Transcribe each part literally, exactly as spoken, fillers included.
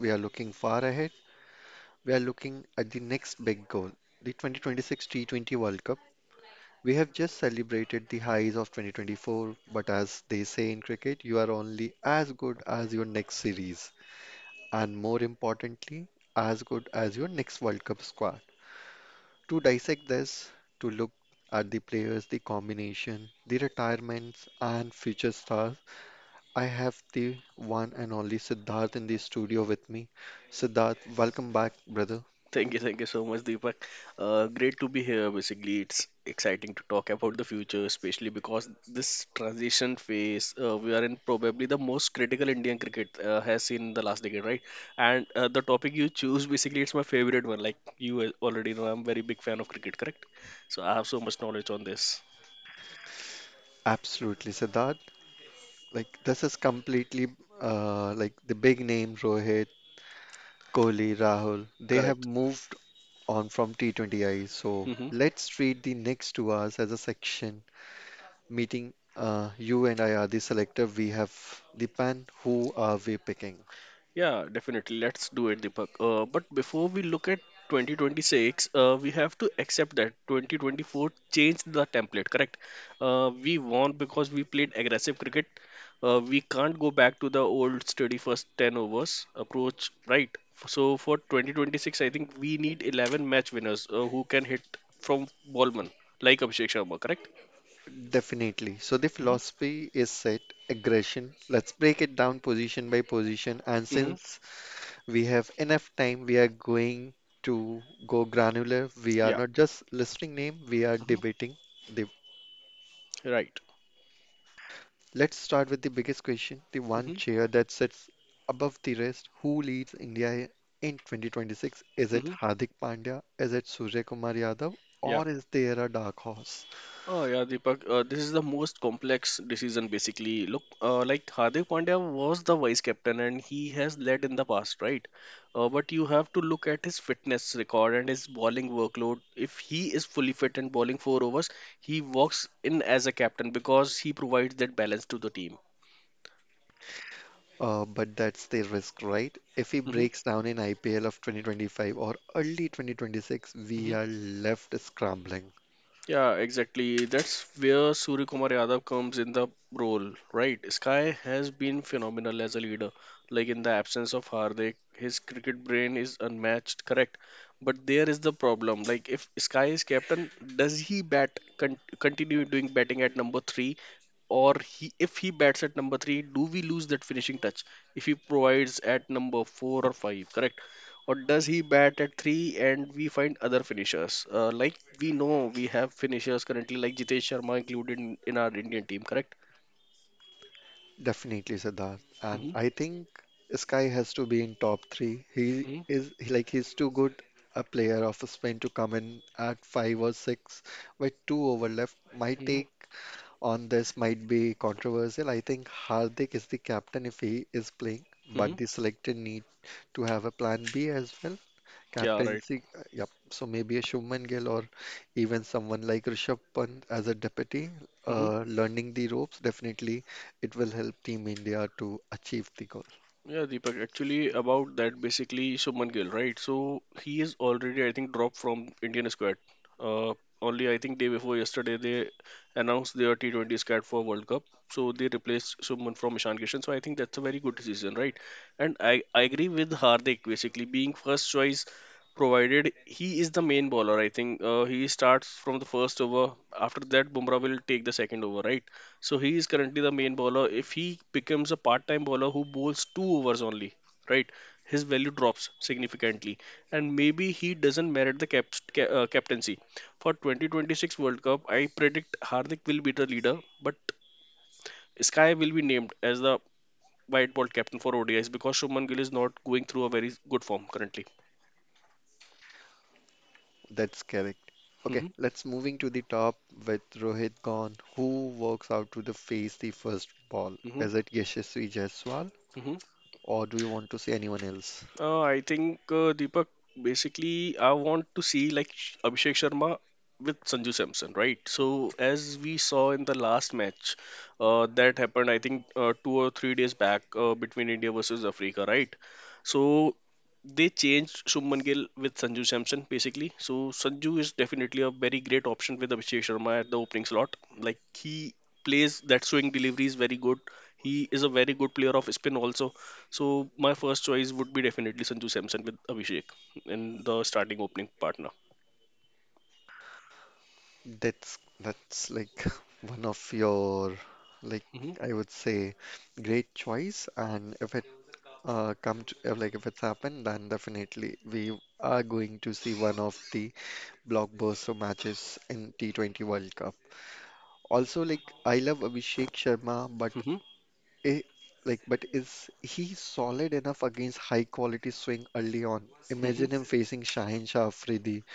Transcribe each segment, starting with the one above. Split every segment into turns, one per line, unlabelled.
We are looking far ahead. We are looking at the next big goal, the twenty twenty-six T twenty World Cup. We have just celebrated the highs of twenty twenty-four, but as they say in cricket, you are only as good as your next series, and more importantly, as good as your next World Cup squad. To dissect this, to look at the players, the combination, the retirements, and future stars, I have the one and only Siddharth in the studio with me. Siddharth, welcome back, brother.
Thank you, thank you so much, Deepak. Uh, great to be here. Basically, it's exciting to talk about the future, especially because this transition phase uh, we are in probably the most critical Indian cricket uh, has seen in the last decade, right? And uh, the topic you choose, basically, it's my favorite one. Like you al- already know, I'm very big fan of cricket, correct? So I have so much knowledge on this.
Absolutely, Siddharth. Like, this is completely uh, like the big name Rohit, Kohli, Rahul. They have
Correct.
moved on from T twenty I. So
Hmm.
let's treat the next two hours as a section meeting, uh, you and I are the selector. We have the plan. Who are we picking?
Yeah, definitely. Let's do it, Deepak. Uh, but before we look at twenty twenty-six, uh, we have to accept that twenty twenty-four changed the template, correct? Uh, we won because we played aggressive cricket. Uh, we can't go back to the old steady first ten overs approach, right? F- So for twenty twenty-six, I think we need eleven match winners uh, who can hit from Ballman, like Abhishek Sharma, correct?
Definitely. So the
Mm-hmm.
philosophy is set aggression. Let's break it down position by position. And
Mm-hmm.
since we have enough time, we are going to go granular. We are
Yeah.
not just listing name. We are
Mm-hmm.
debating the
Right.
Let's start with the biggest question, the one
Mm-hmm.
chair that sits above the rest. Who leads India in twenty twenty-six? Is it
Mm-hmm.
Hardik Pandya? Is it Surya Kumar Yadav?
Yeah.
Or is there a dark horse?
Oh yeah, Deepak. Uh, this is the most complex decision basically. Look, uh, like Hardik Pandya was the vice captain and he has led in the past, right? Uh, but you have to look at his fitness record and his bowling workload. If he is fully fit and bowling four overs, he walks in as a captain because he provides that balance to the team.
Uh, but that's the risk, right? If he
Mm-hmm.
breaks down in I P L of twenty twenty-five or early twenty twenty-six, we
Mm-hmm.
are left scrambling.
Yeah, exactly. That's where Surya Kumar Yadav comes in the role, right? Sky has been phenomenal as a leader. Like in the absence of Hardik, his cricket brain is unmatched, correct? But there is the problem. Like if Sky is captain, does he bat con- continue doing batting at number three, or he if he bats at number three, do we lose that finishing touch if he provides at number four or five, correct? Or does he bat at three and we find other finishers? Uh, like we know we have finishers currently, like Jitesh Sharma included in, in our Indian team, correct?
Definitely, Siddharth. And
Mm-hmm.
I think Sky has to be in top three. He
Mm-hmm.
is like he's too good a player of Spain to come in at five or six with two over left. My
Mm-hmm.
take on this might be controversial. I think Hardik is the captain if he is playing, but the selector need to have a plan B as well.
Yeah, right.
Captaincy, uh, yep. So maybe a Shubman Gill or even someone like Rishabh Pant as a deputy,
Mm-hmm.
uh, learning the ropes. Definitely it will help Team India to achieve the goal.
Yeah, Deepak, actually about that basically Shubman Gill, right? So he is already, I think, dropped from Indian squad. Uh, Only I think day before yesterday they announced their T twenty squad for World Cup. So they replaced Shubman from Ishan Kishan. So I think that's a very good decision, right? And I, I agree with Hardik basically being first choice provided he is the main bowler. I think uh, he starts from the first over. After that, Bumrah will take the second over, right? So he is currently the main bowler. If he becomes a part-time bowler who bowls two overs only, right, his value drops significantly, and maybe he doesn't merit the cap- ca- uh, captaincy. For twenty twenty-six World Cup, I predict Hardik will be the leader, but Sky will be named as the white ball captain for O D Is because Shubman Gill is not going through a very good form currently.
That's correct. Okay,
Hmm.
let's moving to the top with Rohit Khan, who works out to the face the first ball.
Hmm.
Is it Yashasvi Jaiswal,
Hmm.
or do you want to see anyone else?
Uh, I think uh, Deepak, basically, I want to see like Sh- Abhishek Sharma with Sanju Samson, right? So as we saw in the last match, uh, that happened, I think, uh, two or three days back uh, between India versus Africa, right? So they changed Shubman Gill with Sanju Samson, basically. So Sanju is definitely a very great option with Abhishek Sharma at the opening slot. Like he plays that swing delivery is very good. He is a very good player of spin also, so my first choice would be definitely Sanju Samson with Abhishek in the starting opening partner.
That's that's like one of your like
Hmm.
I would say great choice, and if it uh come to if, like if it's happened, then definitely we are going to see one of the blockbuster matches in T twenty World Cup. Also, like I love Abhishek Sharma, but
Hmm.
eh, like, but is he solid enough against high quality swing early on?
Hmm.
Imagine him facing Shahin Shah Afridi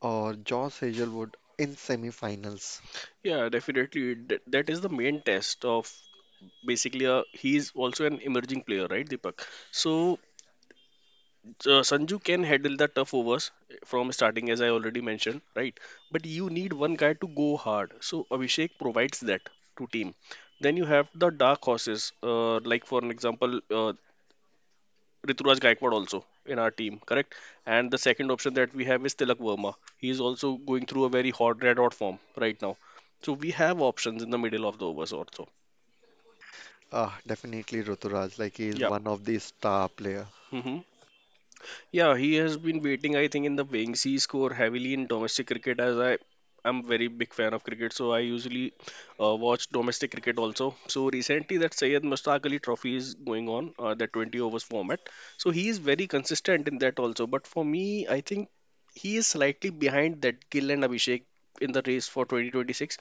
or Josh Hazelwood in semi-finals.
Yeah, definitely. That, that is the main test of basically a, he's also an emerging player, right, Deepak? So uh, Sanju can handle the tough overs from starting, as I already mentioned, right? But you need one guy to go hard. So Abhishek provides that to team. Then you have the dark horses, uh, like for an example, uh, Rituraj Gaikwad also in our team, correct? And the second option that we have is Tilak Verma. He is also going through a very hot red hot form right now. So we have options in the middle of the overs also.
Ah, definitely Ruturaj. Like he is
Yeah.
one of the star player.
Mm-hmm. Yeah, he has been waiting, I think, in the wings. He score heavily in domestic cricket, as I I'm very big fan of cricket, so I usually uh, watch domestic cricket also. So recently, that Sayed Mustaq Ali Trophy is going on, uh, that twenty overs format. So he is very consistent in that also. But for me, I think he is slightly behind that Gill and Abhishek in the race for twenty twenty-six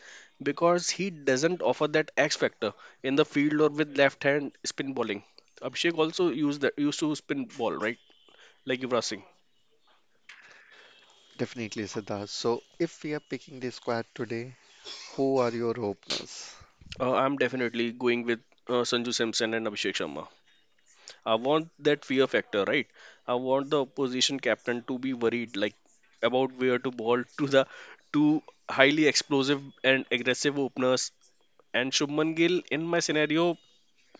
because he doesn't offer that X factor in the field or with left hand spin bowling. Abhishek also used that used to spin ball, right? Like Yuvraj Singh,
Definitely Siddharth. So if we are picking the squad today, who are your openers?
uh, I'm definitely going with uh, Sanju Samson and Abhishek Sharma. I want that fear factor, right? I want the opposition captain to be worried, like about where to ball to the two highly explosive and aggressive openers. And Shubman Gill, in my scenario,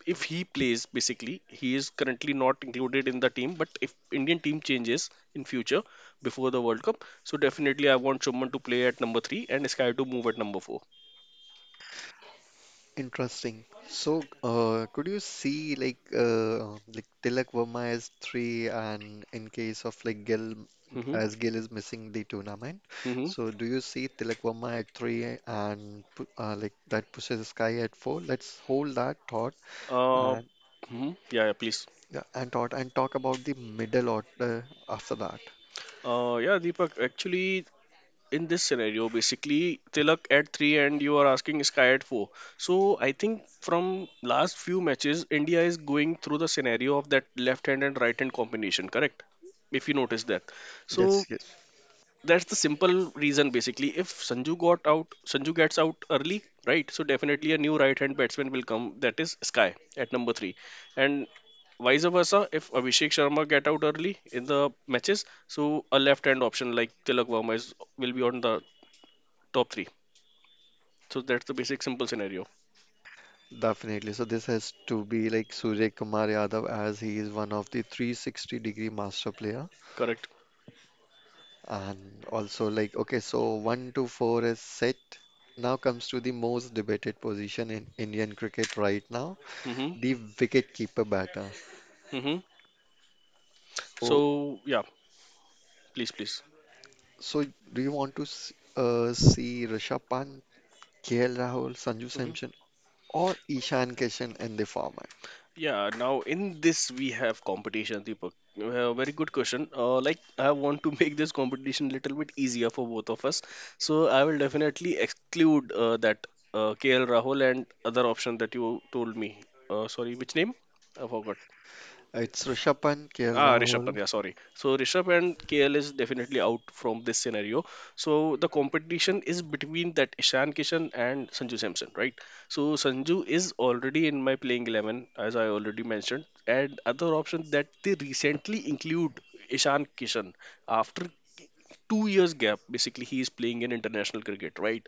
if he plays, basically, he is currently not included in the team. But if Indian team changes in future before the World Cup, so definitely I want Shubman to play at number three and Sky to move at number four.
Interesting. So, uh, could you see like uh, like Tilak Verma as three, and in case of like Gill, as Gill is missing the tournament,
Hmm.
so do you see Tilak Verma at three and pu- uh, like that pushes Sky at four? Let's hold that thought
Uh,
and
mhm. Yeah, yeah, please.
yeah, and thought and talk about the middle order after that.
Uh, yeah, Deepak, actually, in this scenario, basically, Tilak at three and you are asking Sky at four. So I think from last few matches, India is going through the scenario of that left hand and right hand combination, correct? If you notice that.
Yes,
So
yes,
that's the simple reason, basically. If sanju got out Sanju gets out early, right? So definitely a new right hand batsman will come, that is Sky at number three, and vice versa. If Abhishek Sharma get out early in the matches, so a left hand option like Tilak Verma is, will be on the top three. So that's the basic simple scenario,
definitely. So this has to be like Surya Kumar Yadav as he is one of the three sixty degree master player.
correct?
And also, like, okay, so one to four is set. Now comes to the most debated position in Indian cricket right now,
Mhm.
the wicketkeeper batter.
Mhm.
So,
So yeah, please, please.
so do you want to s- uh, see Rishabh Pant, K L Rahul, Sanju
Mm-hmm.
Samson, or Ishan Kishan in the format?
Yeah, now in this we have competition, Deepak. Uh, very good question. Uh, like I want to make this competition little bit easier for both of us, so I will definitely exclude uh, that uh, K L Rahul and other option that you told me. Uh, sorry, which name? I forgot.
It's Rishabh Pant, K L
Ah, Rishabh Pant,
Rahul.
yeah, sorry. So Rishabh and K L is definitely out from this scenario. So the competition is between that Ishan Kishan and Sanju Samson, right? So Sanju is already in my playing eleven, as I already mentioned, and other option that they recently include Ishan Kishan after two years gap. Basically, he is playing in international cricket, right?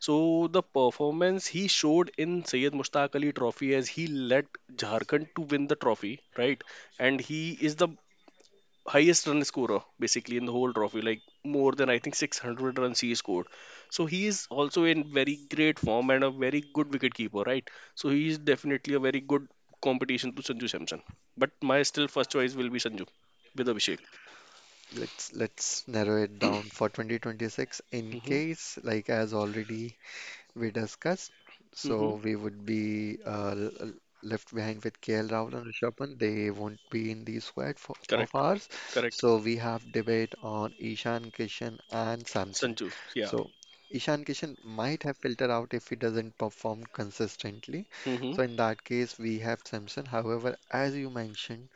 So the performance he showed in Syed Mushtaq Ali Trophy, as he led Jharkhand to win the trophy, right? And he is the highest run scorer basically in the whole trophy, like more than I think six hundred runs he scored. So he is also in very great form and a very good wicketkeeper, right? So he is definitely a very good competition to Sanju Samson. But my still first choice will be Sanju with Abhishek.
Let's let's narrow it down for twenty twenty-six in
Mm-hmm.
case, like as already we discussed.
Mm-hmm.
So we would be uh, l- l- left behind with K L Rahul and Rishabh Pant. They won't be in the squad for, of
Correct.
ours.
Correct.
So we have debate on Ishan Kishan and Samson.
Sanju. Yeah.
So Ishan Kishan might have filtered out if he doesn't perform consistently.
Mm-hmm.
So in that case, we have Samson. However, as you mentioned,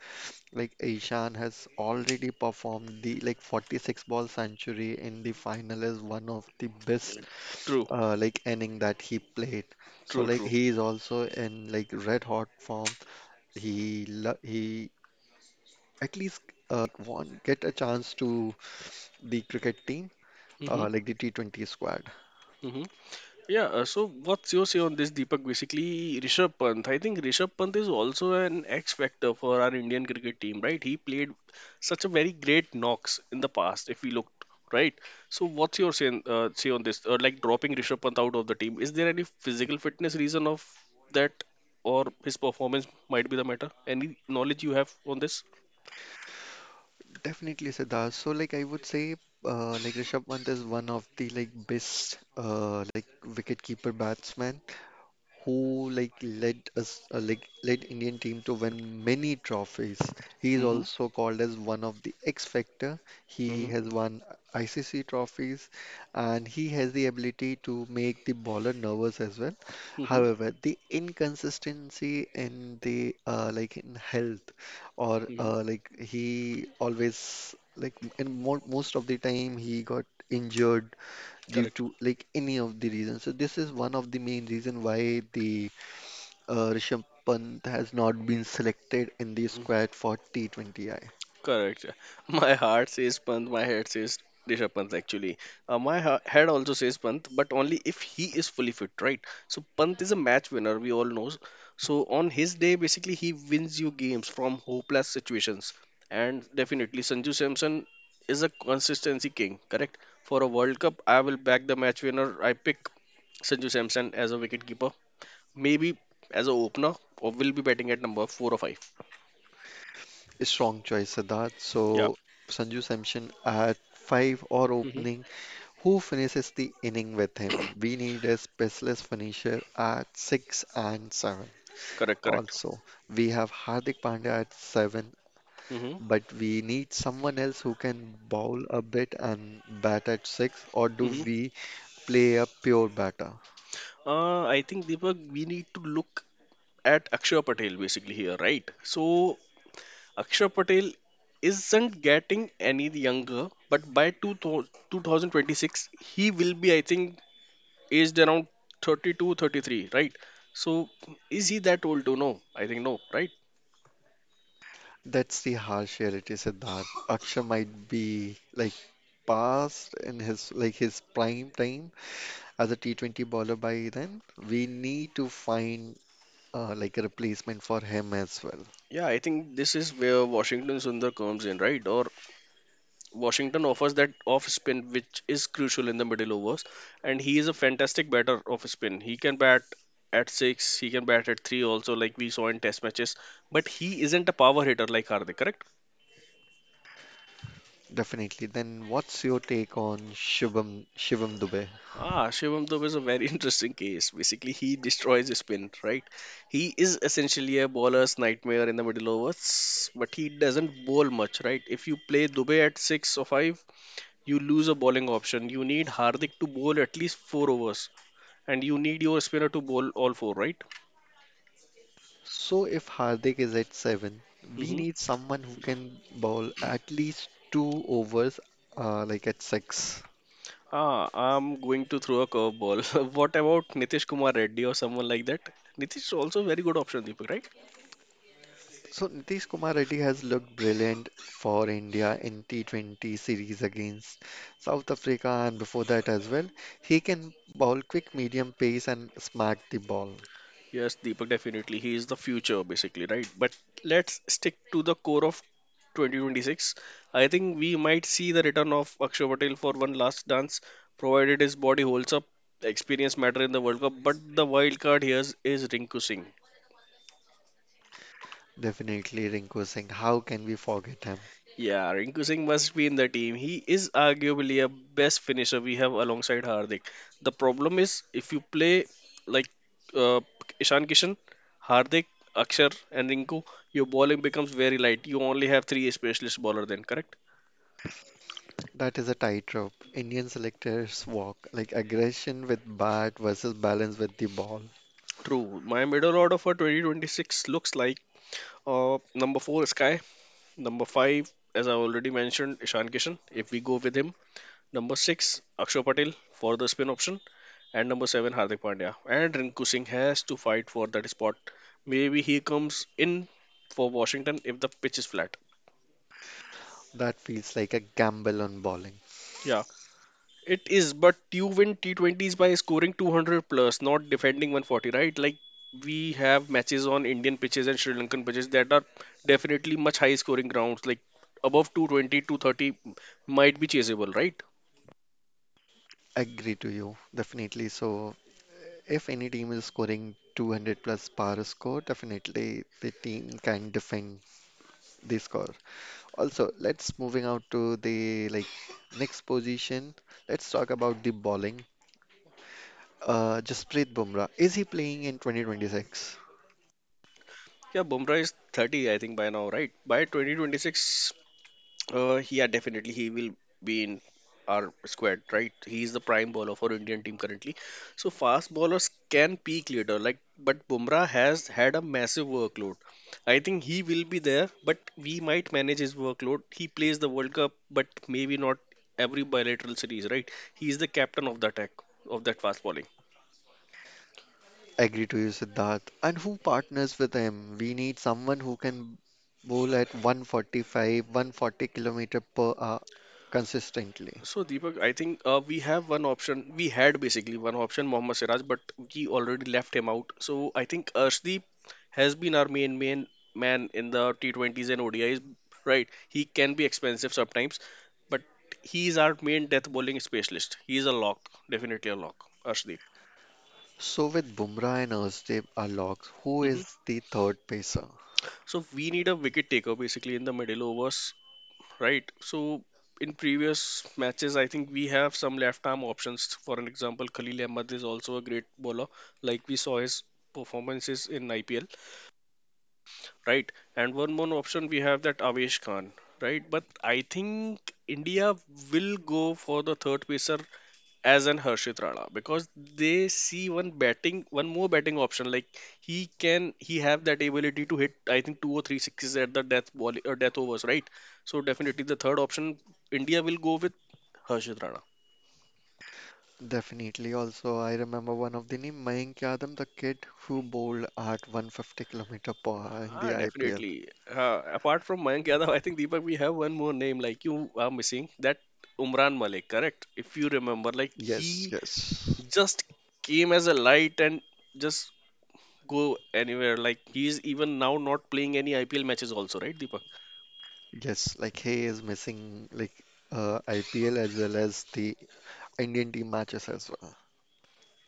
like Ishan has already performed the like forty-six ball century in the final is one of the best
True.
uh, like inning that he played. So
True.
like
True.
he is also in like red hot form. He lo- he at least uh, like won get a chance to the cricket team
Mm-hmm.
uh, like the T twenty squad.
Mm-hmm. Yeah, uh, so what's your say on this, Deepak? Basically, Rishabh Pant. I think Rishabh Pant is also an X factor for our Indian cricket team, right? He played such a very great knocks in the past, if we looked, right? So, what's your say, uh, say on this? Uh, like dropping Rishabh Pant out of the team, is there any physical fitness reason of that, or his performance might be the matter? Any knowledge you have on this?
Definitely Siddharth. So like I would say uh, like Rishabh Pant is one of the like best uh, like wicketkeeper batsman who like led us uh, like led Indian team to win many trophies. He is
Mm-hmm.
also called as one of the X factor. He
Mm-hmm.
has won I C C trophies and he has the ability to make the bowler nervous as well.
Mm-hmm.
However, the inconsistency in the uh, like in health or
Hmm.
uh, like he always like in mo most of the time he got injured due
Correct.
to like any of the reasons. So this is one of the main reason why the uh, Rishabh Pant has not been selected in the
Mm-hmm.
squad for T twenty I.
Correct. My heart says Pant, my head says Rishabh Pant actually. Uh, my ha- head also says Pant, but only if he is fully fit, right? So Pant is a match winner, we all know. So on his day, basically, he wins you games from hopeless situations. And definitely, Sanju Samson is a consistency king, correct? For a World Cup, I will back the match winner. I pick Sanju Samson as a wicketkeeper, maybe as a opener, or will be batting at number four or five.
A strong choice, Siddharth.
Yeah.
So Sanju Samson at five or
Hmm.
opening, who finishes the inning with him? We need a specialist finisher at six and seven.
Correct, correct.
Also, we have Hardik Pandya at seven.
Hmm.
But we need someone else who can bowl a bit and bat at six, or do
Hmm.
we play a pure batter.
Uh, I think Deepak, we need to look at Akshay Patel basically here, right? So Akshay Patel isn't getting any younger, but by 2000 two thousand twenty-six, he will be, I think, aged around thirty-two, thirty-three, right? So is he that old to know? I think no, right?
That's the harsh reality, Siddharth. Akshay might be like past in his like his prime time as a T twenty bowler by then. We need to find uh, like a replacement for him as well.
Yeah, I think this is where Washington Sundar comes in, right? Or Washington offers that off spin, which is crucial in the middle overs, and he is a fantastic batter off spin. He can bat at six, he can bat at three, also like we saw in Test matches. But he isn't a power hitter like Hardik, correct?
Definitely. Then what's your take on Shivam Shivam Dubey?
Ah, Shivam Dub is a very interesting case. Basically, he destroys the spin, right? He is essentially a bowler's nightmare in the middle overs, but he doesn't bowl much, right? If you play Dubey at six or five, you lose a bowling option. You need Hardik to bowl at least four overs and you need your spinner to bowl all four, right?
So if Hardik is at seven, we
Hmm.
need someone who can bowl at least two overs uh, like at six.
Ah, I'm going to throw a curveball. What about Nitish Kumar Reddy or someone like that? Nitish is also a very good option, Deepak, right?
So Nitish Kumar Reddy has looked brilliant for India in T twenty series against South Africa and before that as well. He can bowl quick, medium pace and smack the ball.
Yes, Deepak, definitely. He is the future, basically, right? But let's stick to the core of twenty twenty-six. I think we might see the return of Akshay Patel for one last dance, provided his body holds up. Experience matter in the World Cup, but the wild card here is Rinku Singh.
Definitely Rinku Singh. How can we forget him?
Yeah, Rinku Singh must be in the team. He is arguably a best finisher we have alongside Hardik. The problem is if you play like uh, Ishan Kishan, Hardik, Akshar, and Rinku, your bowling becomes very light. You only have three specialist bowler then, correct?
That is a tightrope. Indian selectors walk like aggression with bat versus balance with the ball.
True. My middle order for twenty twenty-six looks like uh, number four Sky, number five, as I already mentioned, Ishan Kishan. If we go with him, number six Akshar Patel for the spin option, and number seven, Hardik Pandya. And Rinku Singh has to fight for that spot. Maybe he comes in for Washington if the pitch is flat.
That feels like a gamble on bowling.
Yeah, it is. But you win T twenties by scoring two hundred plus, not defending one forty, right? Like we have matches on Indian pitches and Sri Lankan pitches that are definitely much high scoring grounds, like above two twenty, two thirty might be chaseable, right?
Agree to you. Definitely. So if any team is scoring two hundred plus power score, definitely the team can defend the score. Also, let's moving out to the like next position. Let's talk about the bowling. Uh, Jasprit Bumrah, is he playing in twenty twenty-six?
Yeah, Bumrah is thirty, I think, by now, right? By twenty twenty-six, Uh, yeah, definitely he will be in our squad, right? He is the prime bowler for Indian team currently. So fast bowlers can peak later, like, but Bumrah has had a massive workload. I think he will be there, but we might manage his workload. He plays the World Cup, but maybe not every bilateral series, right? He is the captain of the attack of that fast bowling.
Agree to you, Siddharth. And who partners with him? We need someone who can bowl at one forty-five, one forty kilometer per hour consistently.
So Deepak, I think uh, we have one option. We had basically one option, Mohammad Siraj, but we already left him out. So I think Arshdeep has been our main main man in the T twenties and O D Is. Right, he can be expensive sometimes, but he is our main death bowling specialist. He is a lock, definitely a lock, Arshdeep.
So with Bumrah and Erstev are locks, who
Hmm.
is the third pacer?
So we need a wicket taker basically in the middle overs, right? So in previous matches, I think we have some left arm options. For an example, Khalil Ahmad is also a great bowler, like we saw his performances in I P L, right? And one more option we have, that Avesh Khan, right? But I think India will go for the third pacer as an Harshit Rana because they see one batting, one more batting option. Like he can, he have that ability to hit. I think two or three sixes at the death ball or death overs, right? So definitely the third option, India will go with Harshit Rana.
Definitely. Also, I remember one of the name Mayank Yadav, the kid who bowled at one fifty kilometer per hour in the
Ah,
I P L.
definitely. Uh, apart from Mayank Yadav, I think Deepak, we have one more name like you are missing, that Umran Malik, correct? If you remember, like
Yes,
he
yes.
just came as a light and just go anywhere. Like he's even now not playing any I P L matches also, right, Deepak?
Yes, like he is missing like uh, I P L as well as the Indian team matches as well.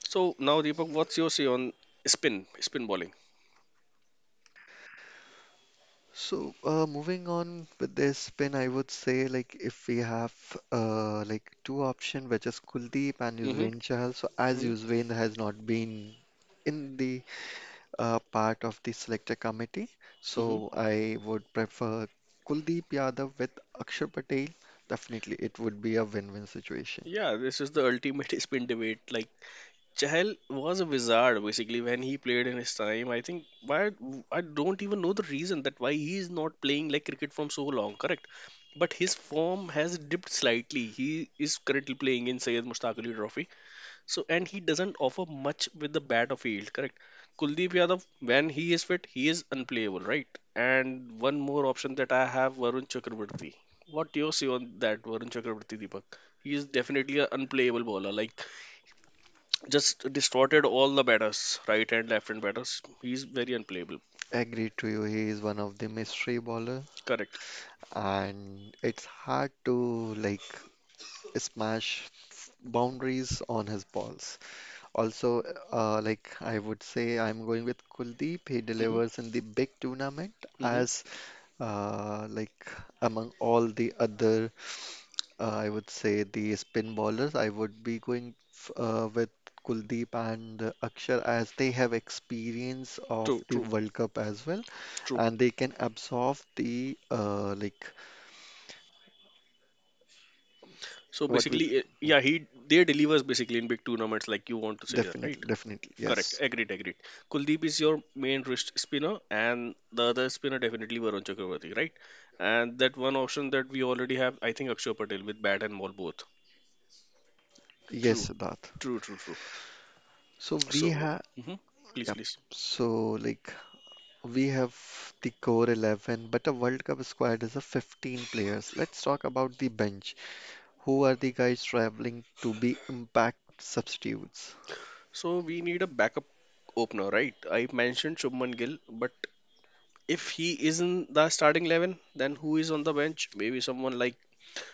So now, Deepak, what's your say on spin, spin bowling?
So uh, moving on with this spin, I would say like if we have uh, like two option, which is Kuldeep and
Hmm.
Yuzvendra Chahal. So as
Hmm.
Yuzvendra has not been in the uh, part of the selector committee.
Hmm.
So I would prefer Kuldeep Yadav with Akshar Patel. Definitely, it would be a win-win situation.
Yeah, this is the ultimate spin debate. Like Chahal was a wizard basically when he played in his time. I think, why, I don't even know the reason that why he is not playing like cricket from so long. Correct, but his form has dipped slightly. He is currently playing in Sayed Mustaq Ali Trophy. So, and he doesn't offer much with the bat of field, correct? Kuldeep Yadav, when he is fit, he is unplayable, right? And one more option that I have, Varun Chakraborty. What you say on that, Varun Chakraborty, Deepak? He is definitely an unplayable bowler, like just distorted all the batters, right and left hand batters. He is very unplayable,
Agree to you, he is one of the mystery bowler,
correct?
and it's hard to like smash boundaries on his balls. Also, uh, like I would say, I'm going with Kuldeep. He
Hmm.
delivers in the big tournament
Hmm.
as uh, like among all the other Uh, I would say the spin bowlers. I would be going f- uh, with Kuldeep and uh, Akshar as they have experience of
True,
the
true,
World Cup as well,
true.
and they can absorb the uh, like
So
what will
basically, eh, yeah, he they delivers basically in big tournaments, like you want to say that, right?
definitely definitely
Correct.
yes
Agreed. Agreed. Kuldeep is your main wrist spinner, and the other spinner definitely Varun Chakravarti, right? And that one option that we already have, I think Akshay Patel with bat and ball both.
yes
True.
Siddharth.
True. True. True.
So we
So,
have
mhm. Please,
yep.
please.
So like we have the core eleven, but a World Cup squad is a fifteen players. Let's talk about the bench. Who are the guys traveling to be impact substitutes?
So we need a backup opener, right? I mentioned Shubman Gill, but if he isn't the starting eleven, then who is on the bench? Maybe someone like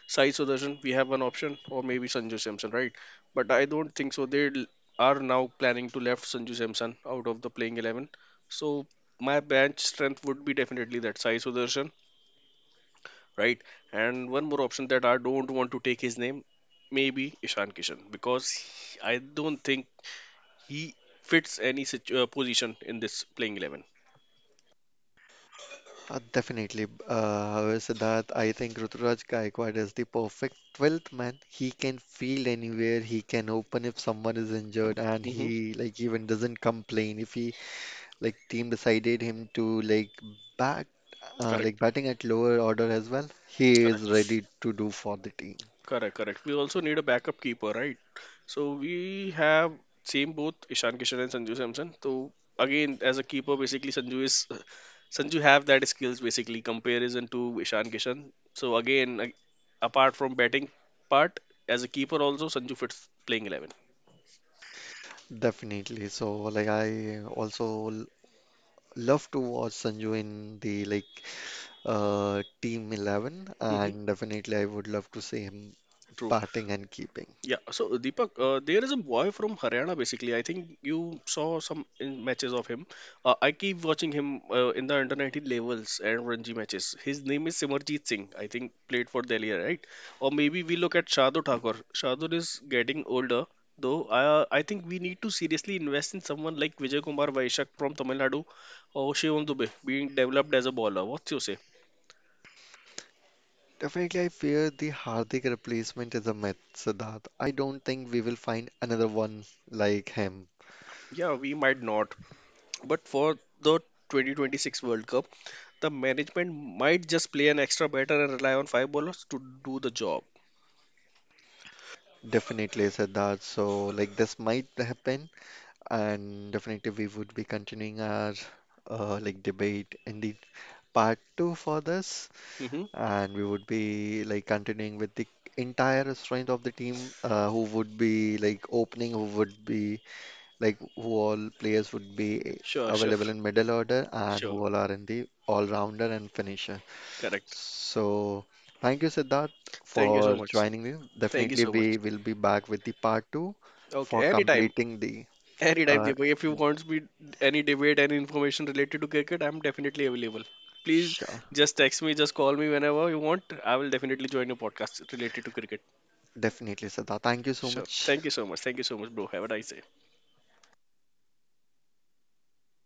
Sai Sudarshan, we have one option, or maybe Sanju Samson, right? But I don't think so. They l- are now planning to left Sanju Samson out of the playing eleven. So my bench strength would be definitely that Sai Sudarshan, right? And one more option that I don't want to take his name, maybe Ishan Kishan, because he- I don't think he fits any situ- uh, position in this playing eleven.
Uh, definitely. Uh, however, Siddharth, I think Ruturaj Gaikwad is the perfect twelfth man. He can field anywhere. He can open if someone is injured, and
Hmm.
he like even doesn't complain if he like team decided him to like bat uh,
Correct.
like batting at lower order as well. He is
Correct.
ready to do for the team.
Correct, correct. We also need a backup keeper, right? So we have same both Ishan Kishan and Sanju Samson. So again, as a keeper, basically Sanju is Sanju have that skills basically comparison to Ishan Kishan. So again, a- apart from batting part, as a keeper also Sanju fits playing eleven.
Definitely. So like I also l- love to watch Sanju in the like uh, Team eleven,
Hmm.
and definitely I would love to see him
True.
batting and keeping.
Yeah, so Deepak, uh, there is a boy from Haryana basically. I think you saw some in matches of him. Uh, I keep watching him uh, in the under nineteen levels and Ranji matches. His name is Simarjit Singh. I think played for Delhi, right? Or maybe we look at Shardul Thakur. Shardul is getting older, though. I, I think we need to seriously invest in someone like Vijay Kumar Vaishak from Tamil Nadu or Shivam Dubey being developed as a bowler. What you say?
Definitely, I fear the Hardik replacement is a myth, Siddharth. I don't think we will find another one like him.
Yeah, we might not. But for the twenty twenty-six World Cup, the management might just play an extra batter and rely on five bowlers to do the job.
Definitely, Siddharth. So, like, this might happen, and definitely, we would be continuing our uh, like debate in the part two for this,
Hmm.
and we would be like continuing with the entire strength of the team, uh, who would be like opening, who would be like who all players would be
Sure, sure,
available in middle order and who
sure.
all are in the all-rounder and finisher.
Correct.
So thank you, Siddharth,
Thank you
for
so much.
joining me.
Thank you
Definitely,
so much.
we will be back with the part two
Okay,
for
anytime,
completing the.
anytime,
Uh,
Deepak. If you want me any debate, any information related to cricket, I'm definitely available. Please
sure,
just text me, just call me whenever you want. I will definitely join your podcast related to cricket.
definitely, Siddharth. Thank you so
Sure.
much.
Thank you so much. Thank you so much, bro. Have a nice day.